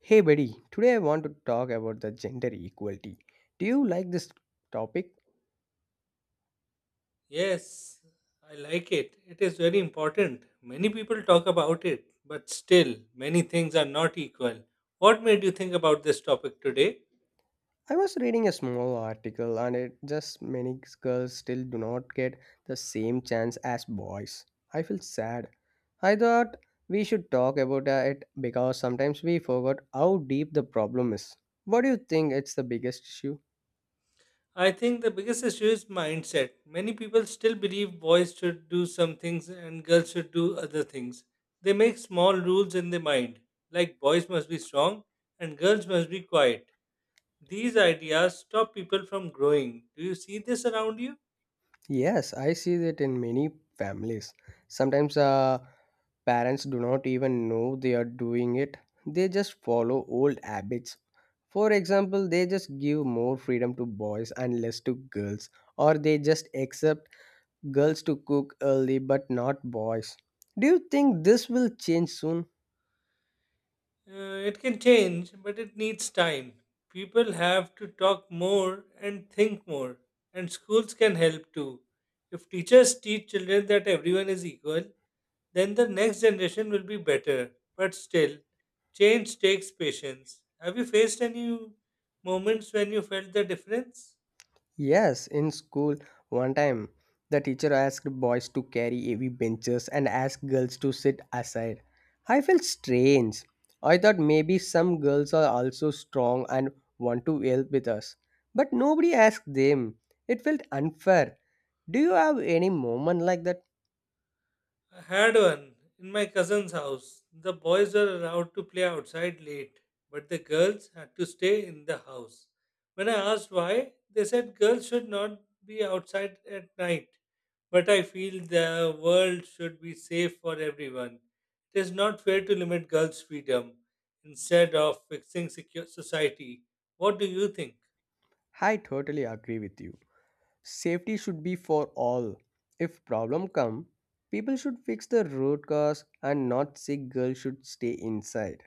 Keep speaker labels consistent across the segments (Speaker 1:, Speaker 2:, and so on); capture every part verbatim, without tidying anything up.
Speaker 1: Hey buddy, today I want to talk about the gender equality. Do you like this topic?
Speaker 2: Yes, I like it. It is very important. Many people talk about it, but still, many things are not equal. What made you think about this topic today?
Speaker 1: I was reading a small article and it just many girls still do not get the same chance as boys. I feel sad. I thought we should talk about it because sometimes we forgot how deep the problem is. What do you think it's the biggest issue?
Speaker 2: I think the biggest issue is mindset. Many people still believe boys should do some things and girls should do other things. They make small rules in their mind, like boys must be strong and girls must be quiet. These ideas stop people from growing. Do you see this around you?
Speaker 1: Yes, I see that in many families. Sometimes uh, parents do not even know they are doing it, they just follow old habits. For example, they just give more freedom to boys and less to girls, or they just accept girls to cook early but not boys. Do you think this will change soon?
Speaker 2: Uh, it can change, but it needs time. People have to talk more and think more, and schools can help too. If teachers teach children that everyone is equal, then the next generation will be better. But still, change takes patience. Have you faced any moments when you felt the difference?
Speaker 1: Yes, in school, one time the teacher asked boys to carry heavy benches and asked girls to sit aside. I felt strange. I thought maybe some girls are also strong and want to help with us. But nobody asked them. It felt unfair. Do you have any moment like that?
Speaker 2: I had one in my cousin's house. The boys were allowed to play outside late, but the girls had to stay in the house. When I asked why, they said girls should not be outside at night. But I feel the world should be safe for everyone. It is not fair to limit girls' freedom instead of fixing secure society. What do you think?
Speaker 1: I totally agree with you. Safety should be for all. If problem come, people should fix the road cause and not sick girls should stay inside.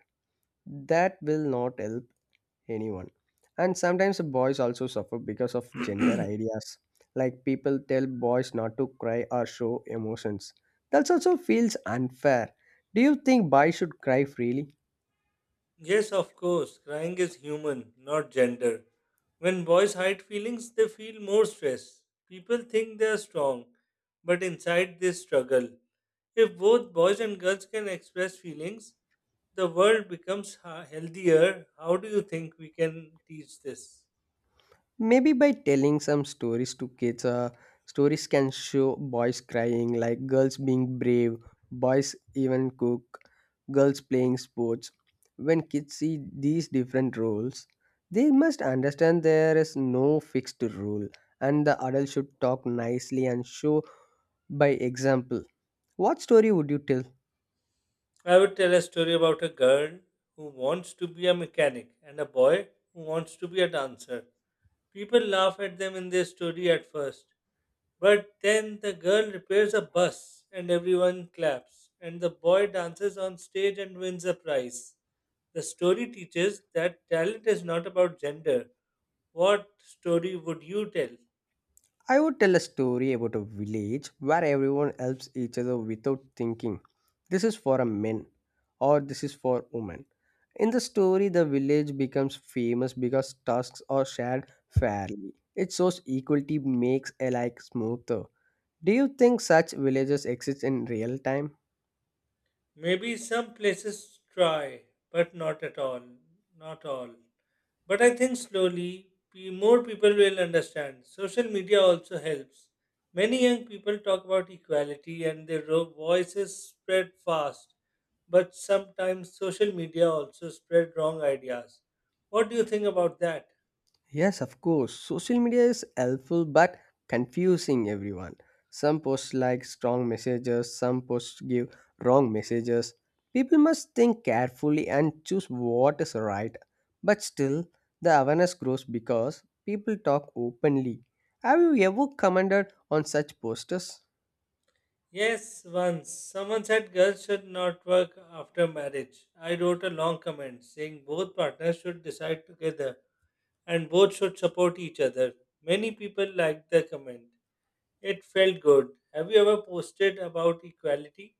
Speaker 1: That will not help anyone, and sometimes boys also suffer because of gender ideas, like people tell boys not to cry or show emotions. That also feels unfair. Do you think boys should cry freely?
Speaker 2: Yes, of course, crying is human, not gender. When boys hide feelings, they feel more stress. People think they are strong, but inside they struggle. If both boys and girls can express feelings, the world becomes ha- healthier. How do you think we can teach this?
Speaker 1: Maybe by telling some stories to kids. Uh, stories can show boys crying, like girls being brave, boys even cook, girls playing sports. When kids see these different roles, they must understand there is no fixed rule, and the adult should talk nicely and show by example. What story would you tell?
Speaker 2: I would tell a story about a girl who wants to be a mechanic and a boy who wants to be a dancer. People laugh at them in their story at first. But then the girl repairs a bus and everyone claps, and the boy dances on stage and wins a prize. The story teaches that talent is not about gender. What story would you tell?
Speaker 1: I would tell a story about a village where everyone helps each other without thinking. This is for a man or this is for women. In the story, the village becomes famous because tasks are shared fairly. It shows equality makes alike smoother. Do you think such villages exist in real time?
Speaker 2: Maybe some places try, but not at all. Not all. But I think slowly pe- more people will understand. Social media also helps. Many young people talk about equality and their ro- voices spread fast. But sometimes social media also spread wrong ideas. What do you think about that?
Speaker 1: Yes, of course. Social media is helpful but confusing everyone. Some posts like strong messages, some posts give wrong messages. People must think carefully and choose what is right. But still, the awareness grows because people talk openly. Have you ever commented on such posters?
Speaker 2: Yes, once someone said girls should not work after marriage. I wrote a long comment saying both partners should decide together and both should support each other. Many people liked the comment. It felt good. Have you ever posted about equality?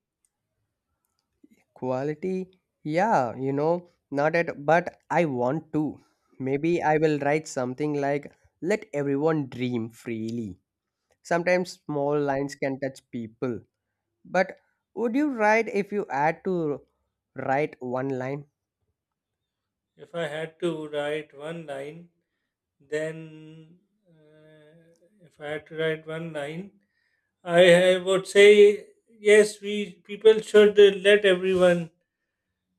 Speaker 1: Quality? Yeah, you know, not at but I want to. Maybe I will write something like let everyone dream freely. Sometimes small lines can touch people. But would you write if you had to write one line?
Speaker 2: If I had to write one line, then uh, if I had to write one line, I, I would say yes. We people should uh, let everyone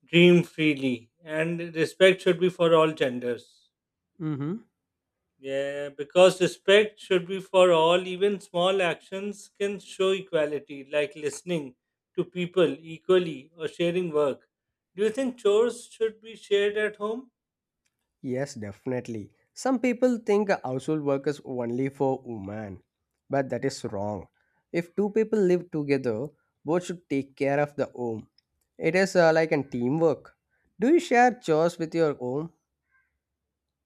Speaker 2: dream freely, and respect should be for all genders.
Speaker 1: Mm-hmm.
Speaker 2: Yeah, because respect should be for all. Even small actions can show equality, like listening to people equally or sharing work. Do you think chores should be shared at home?
Speaker 1: Yes, definitely. Some people think a household work is only for women, but that is wrong. If two people live together, both should take care of the home. It is uh, like a teamwork. Do you share chores with your home?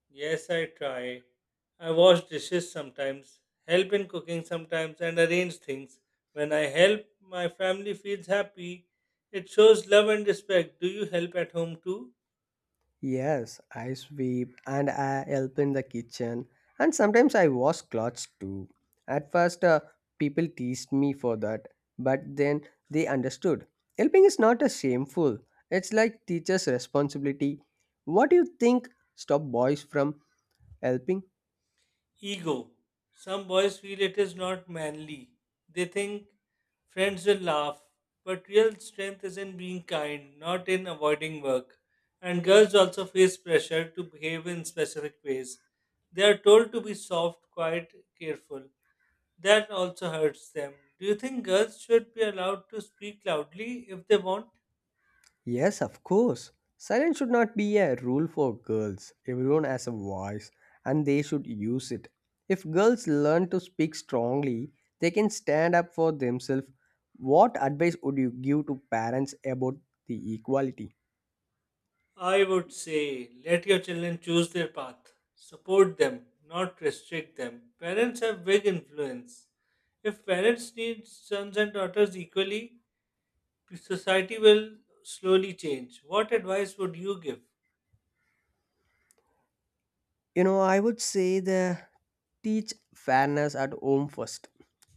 Speaker 2: Yes, I try. I wash dishes sometimes, help in cooking sometimes, and arrange things. When I help, my family feels happy. It shows love and respect. Do you help at home too?
Speaker 1: Yes, I sweep and I help in the kitchen, and sometimes I wash clothes too. At first, uh, people teased me for that, but then they understood. Helping is not a shameful. It's like teacher's responsibility. What do you think stop boys from helping?
Speaker 2: Ego. Some boys feel it is not manly. They think friends will laugh, but real strength is in being kind, not in avoiding work. And girls also face pressure to behave in specific ways. They are told to be soft, quiet, careful. That also hurts them. Do you think girls should be allowed to speak loudly if they want?
Speaker 1: Yes, of course. Silence should not be a rule for girls. Everyone has a voice and they should use it. If girls learn to speak strongly, they can stand up for themselves. What advice would you give to parents about the equality?
Speaker 2: I would say let your children choose their path. Support them, not restrict them. Parents have big influence. If parents need sons and daughters equally, society will slowly change. What advice would you give?
Speaker 1: You know, I would say the teach fairness at home first.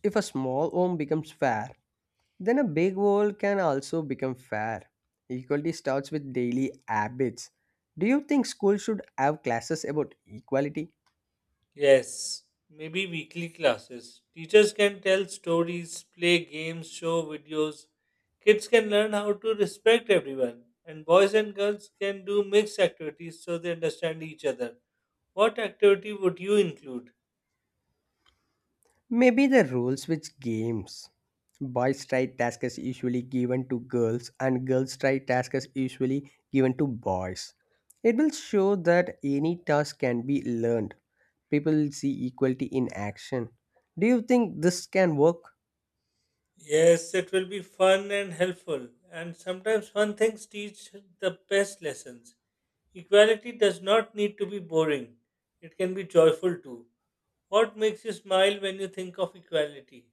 Speaker 1: If a small home becomes fair, then a big goal can also become fair. Equality starts with daily habits. Do you think schools should have classes about equality?
Speaker 2: Yes, maybe weekly classes. Teachers can tell stories, play games, show videos. Kids can learn how to respect everyone. And boys and girls can do mixed activities so they understand each other. What activity would you include?
Speaker 1: Maybe the rules with games. Boys try task is usually given to girls and girls try task is usually given to boys. It will show that any task can be learned. People will see equality in action. Do you think this can work?
Speaker 2: Yes, it will be fun and helpful, and sometimes fun things teach the best lessons. Equality does not need to be boring, it can be joyful too. What makes you smile when you think of equality?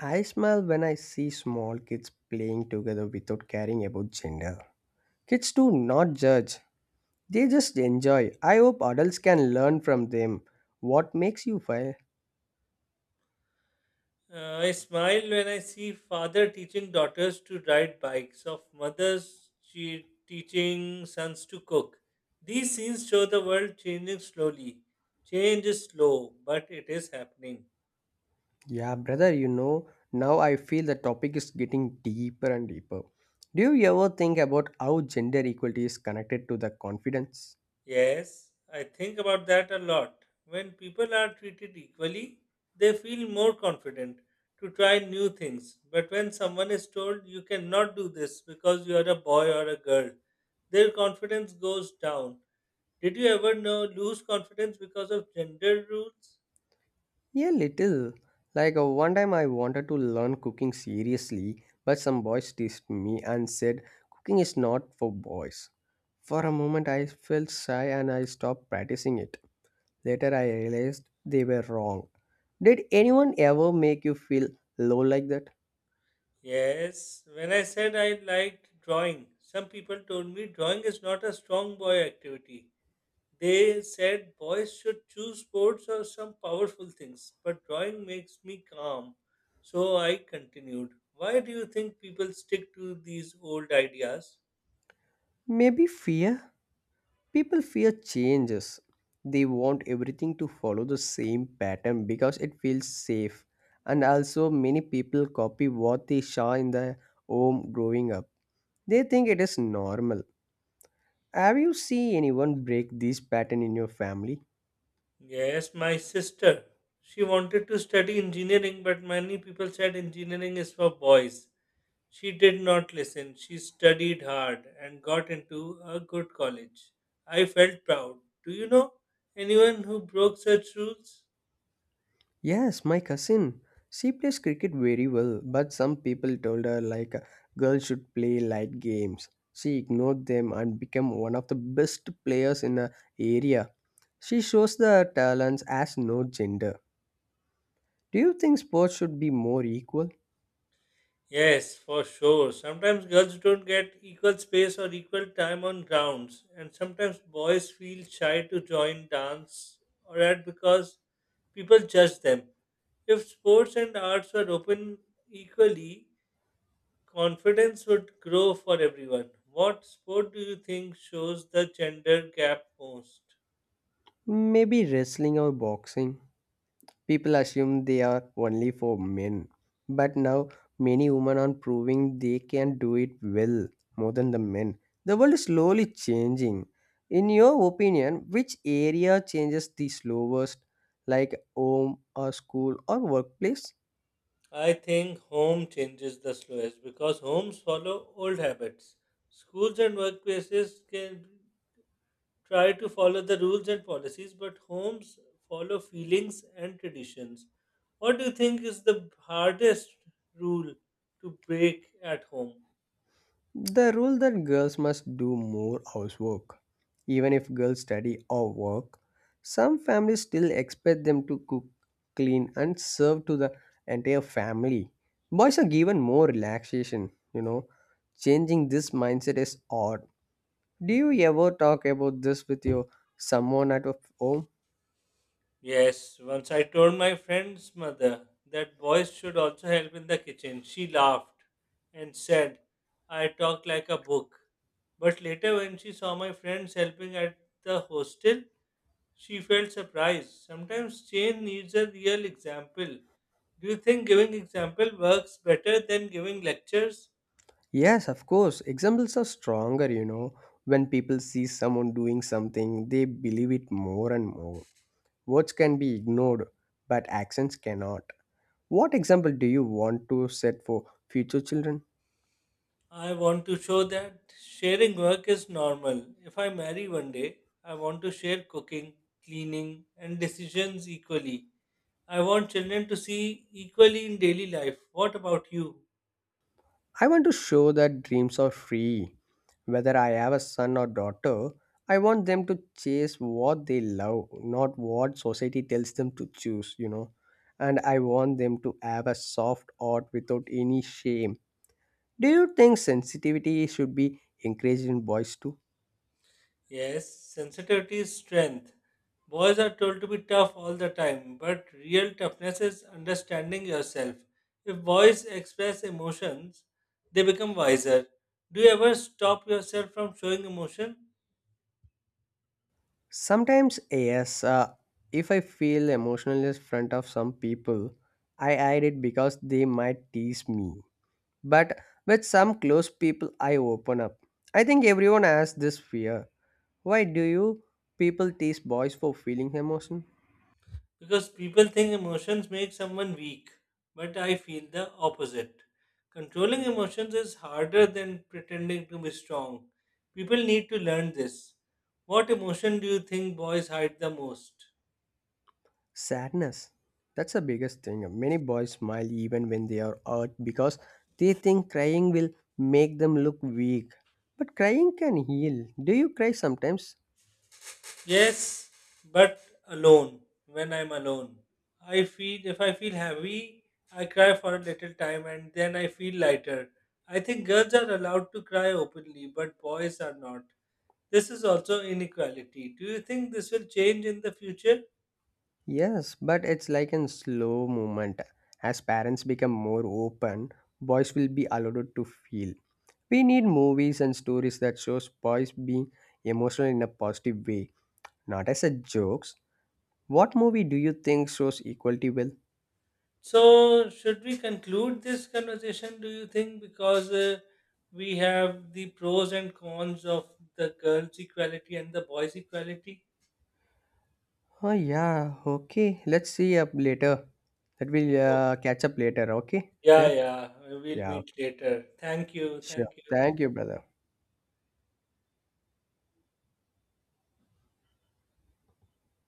Speaker 1: I smile when I see small kids playing together without caring about gender. Kids do not judge, they just enjoy. I hope adults can learn from them. What makes you feel?
Speaker 2: Uh, I smile when I see father teaching daughters to ride bikes, of mothers che- teaching sons to cook. These scenes show the world changing slowly. Change is slow, but it is happening.
Speaker 1: Yeah, brother, you know, now I feel the topic is getting deeper and deeper. Do you ever think about how gender equality is connected to the confidence?
Speaker 2: Yes, I think about that a lot. When people are treated equally, they feel more confident to try new things. But when someone is told you cannot do this because you are a boy or a girl, their confidence goes down. Did you ever know lose confidence because of gender rules?
Speaker 1: Yeah, little. Like uh, one time I wanted to learn cooking seriously, but some boys teased me and said cooking is not for boys. For a moment I felt shy and I stopped practicing it. Later I realized they were wrong. Did anyone ever make you feel low like that?
Speaker 2: Yes, when I said I liked drawing, some people told me drawing is not a strong boy activity. They said boys should choose sports or some powerful things, but drawing makes me calm. So I continued. Why do you think people stick to these old ideas?
Speaker 1: Maybe fear? People fear changes. They want everything to follow the same pattern because it feels safe. And also, many people copy what they saw in their home growing up. They think it is normal. Have you seen anyone break this pattern in your family?
Speaker 2: Yes, my sister. She wanted to study engineering, but many people said engineering is for boys. She did not listen. She studied hard and got into a good college. I felt proud. Do you know anyone who broke such rules?
Speaker 1: Yes, my cousin. She plays cricket very well, but some people told her like girls should play light games. She ignored them and became one of the best players in her area. She shows the talents as no gender. Do you think sports should be more equal?
Speaker 2: Yes, for sure. Sometimes girls don't get equal space or equal time on grounds, and sometimes boys feel shy to join dance or art because people judge them. If sports and arts were open equally, confidence would grow for everyone. What sport do you think shows the gender gap most?
Speaker 1: Maybe wrestling or boxing? People assume they are only for men, but now many women are proving they can do it well more than the men. The world is slowly changing. In your opinion, which area changes the slowest, like home or school or workplace?
Speaker 2: I think home changes the slowest because homes follow old habits. Schools and workplaces can try to follow the rules and policies, but homes follow feelings and traditions. What do you think is the hardest rule to break at home?
Speaker 1: The rule that girls must do more housework. Even if girls study or work, some families still expect them to cook, clean, and serve to the entire family. Boys are given more relaxation, you know. Changing this mindset is odd. Do you ever talk about this with your someone at of home?
Speaker 2: Yes, once I told my friend's mother that boys should also help in the kitchen. She laughed and said, I talk like a book. But later, when she saw my friends helping at the hostel, she felt surprised. Sometimes change needs a real example. Do you think giving example works better than giving lectures?
Speaker 1: Yes, of course. Examples are stronger, you know. When people see someone doing something, they believe it more and more. Words can be ignored, but accents cannot. What example do you want to set for future children?
Speaker 2: I want to show that sharing work is normal. If I marry one day, I want to share cooking, cleaning, and decisions equally. I want children to see equally in daily life. What about you?
Speaker 1: I want to show that dreams are free. Whether I have a son or daughter, I want them to chase what they love, not what society tells them to choose, you know. And I want them to have a soft heart without any shame. Do you think sensitivity should be encouraged in boys too?
Speaker 2: Yes, sensitivity is strength. Boys are told to be tough all the time, but real toughness is understanding yourself. If boys express emotions, they become wiser. Do you ever stop yourself from showing emotion?
Speaker 1: Sometimes, yes, uh, if I feel emotional in front of some people, I hide it because they might tease me. But with some close people, I open up. I think everyone has this fear. Why do you people tease boys for feeling emotion?
Speaker 2: Because people think emotions make someone weak, but I feel the opposite. Controlling emotions is harder than pretending to be strong. People need to learn this. What emotion do you think boys hide the most?
Speaker 1: Sadness. That's the biggest thing. Many boys smile even when they are hurt because they think crying will make them look weak. But crying can heal. Do you cry sometimes?
Speaker 2: Yes, but alone, when I'm alone. I feel if I feel heavy, I cry for a little time and then I feel lighter. I think girls are allowed to cry openly, but boys are not. This is also inequality. Do you think this will change in the future?
Speaker 1: Yes, but it's like a slow movement. As parents become more open, boys will be allowed to feel. We need movies and stories that shows boys being emotional in a positive way, not as a jokes. What movie do you think shows equality well?
Speaker 2: So, should we conclude this conversation, do you think? Because uh, we have the pros and cons of the girls' equality and the boys' equality.
Speaker 1: Oh yeah, okay. Let's see up later. That will uh, catch up later. Okay,
Speaker 2: Yeah,
Speaker 1: then.
Speaker 2: yeah. We'll
Speaker 1: Yeah.
Speaker 2: meet
Speaker 1: Okay.
Speaker 2: later. Thank you.
Speaker 1: Sure.
Speaker 2: Thank you.
Speaker 1: Thank you, brother.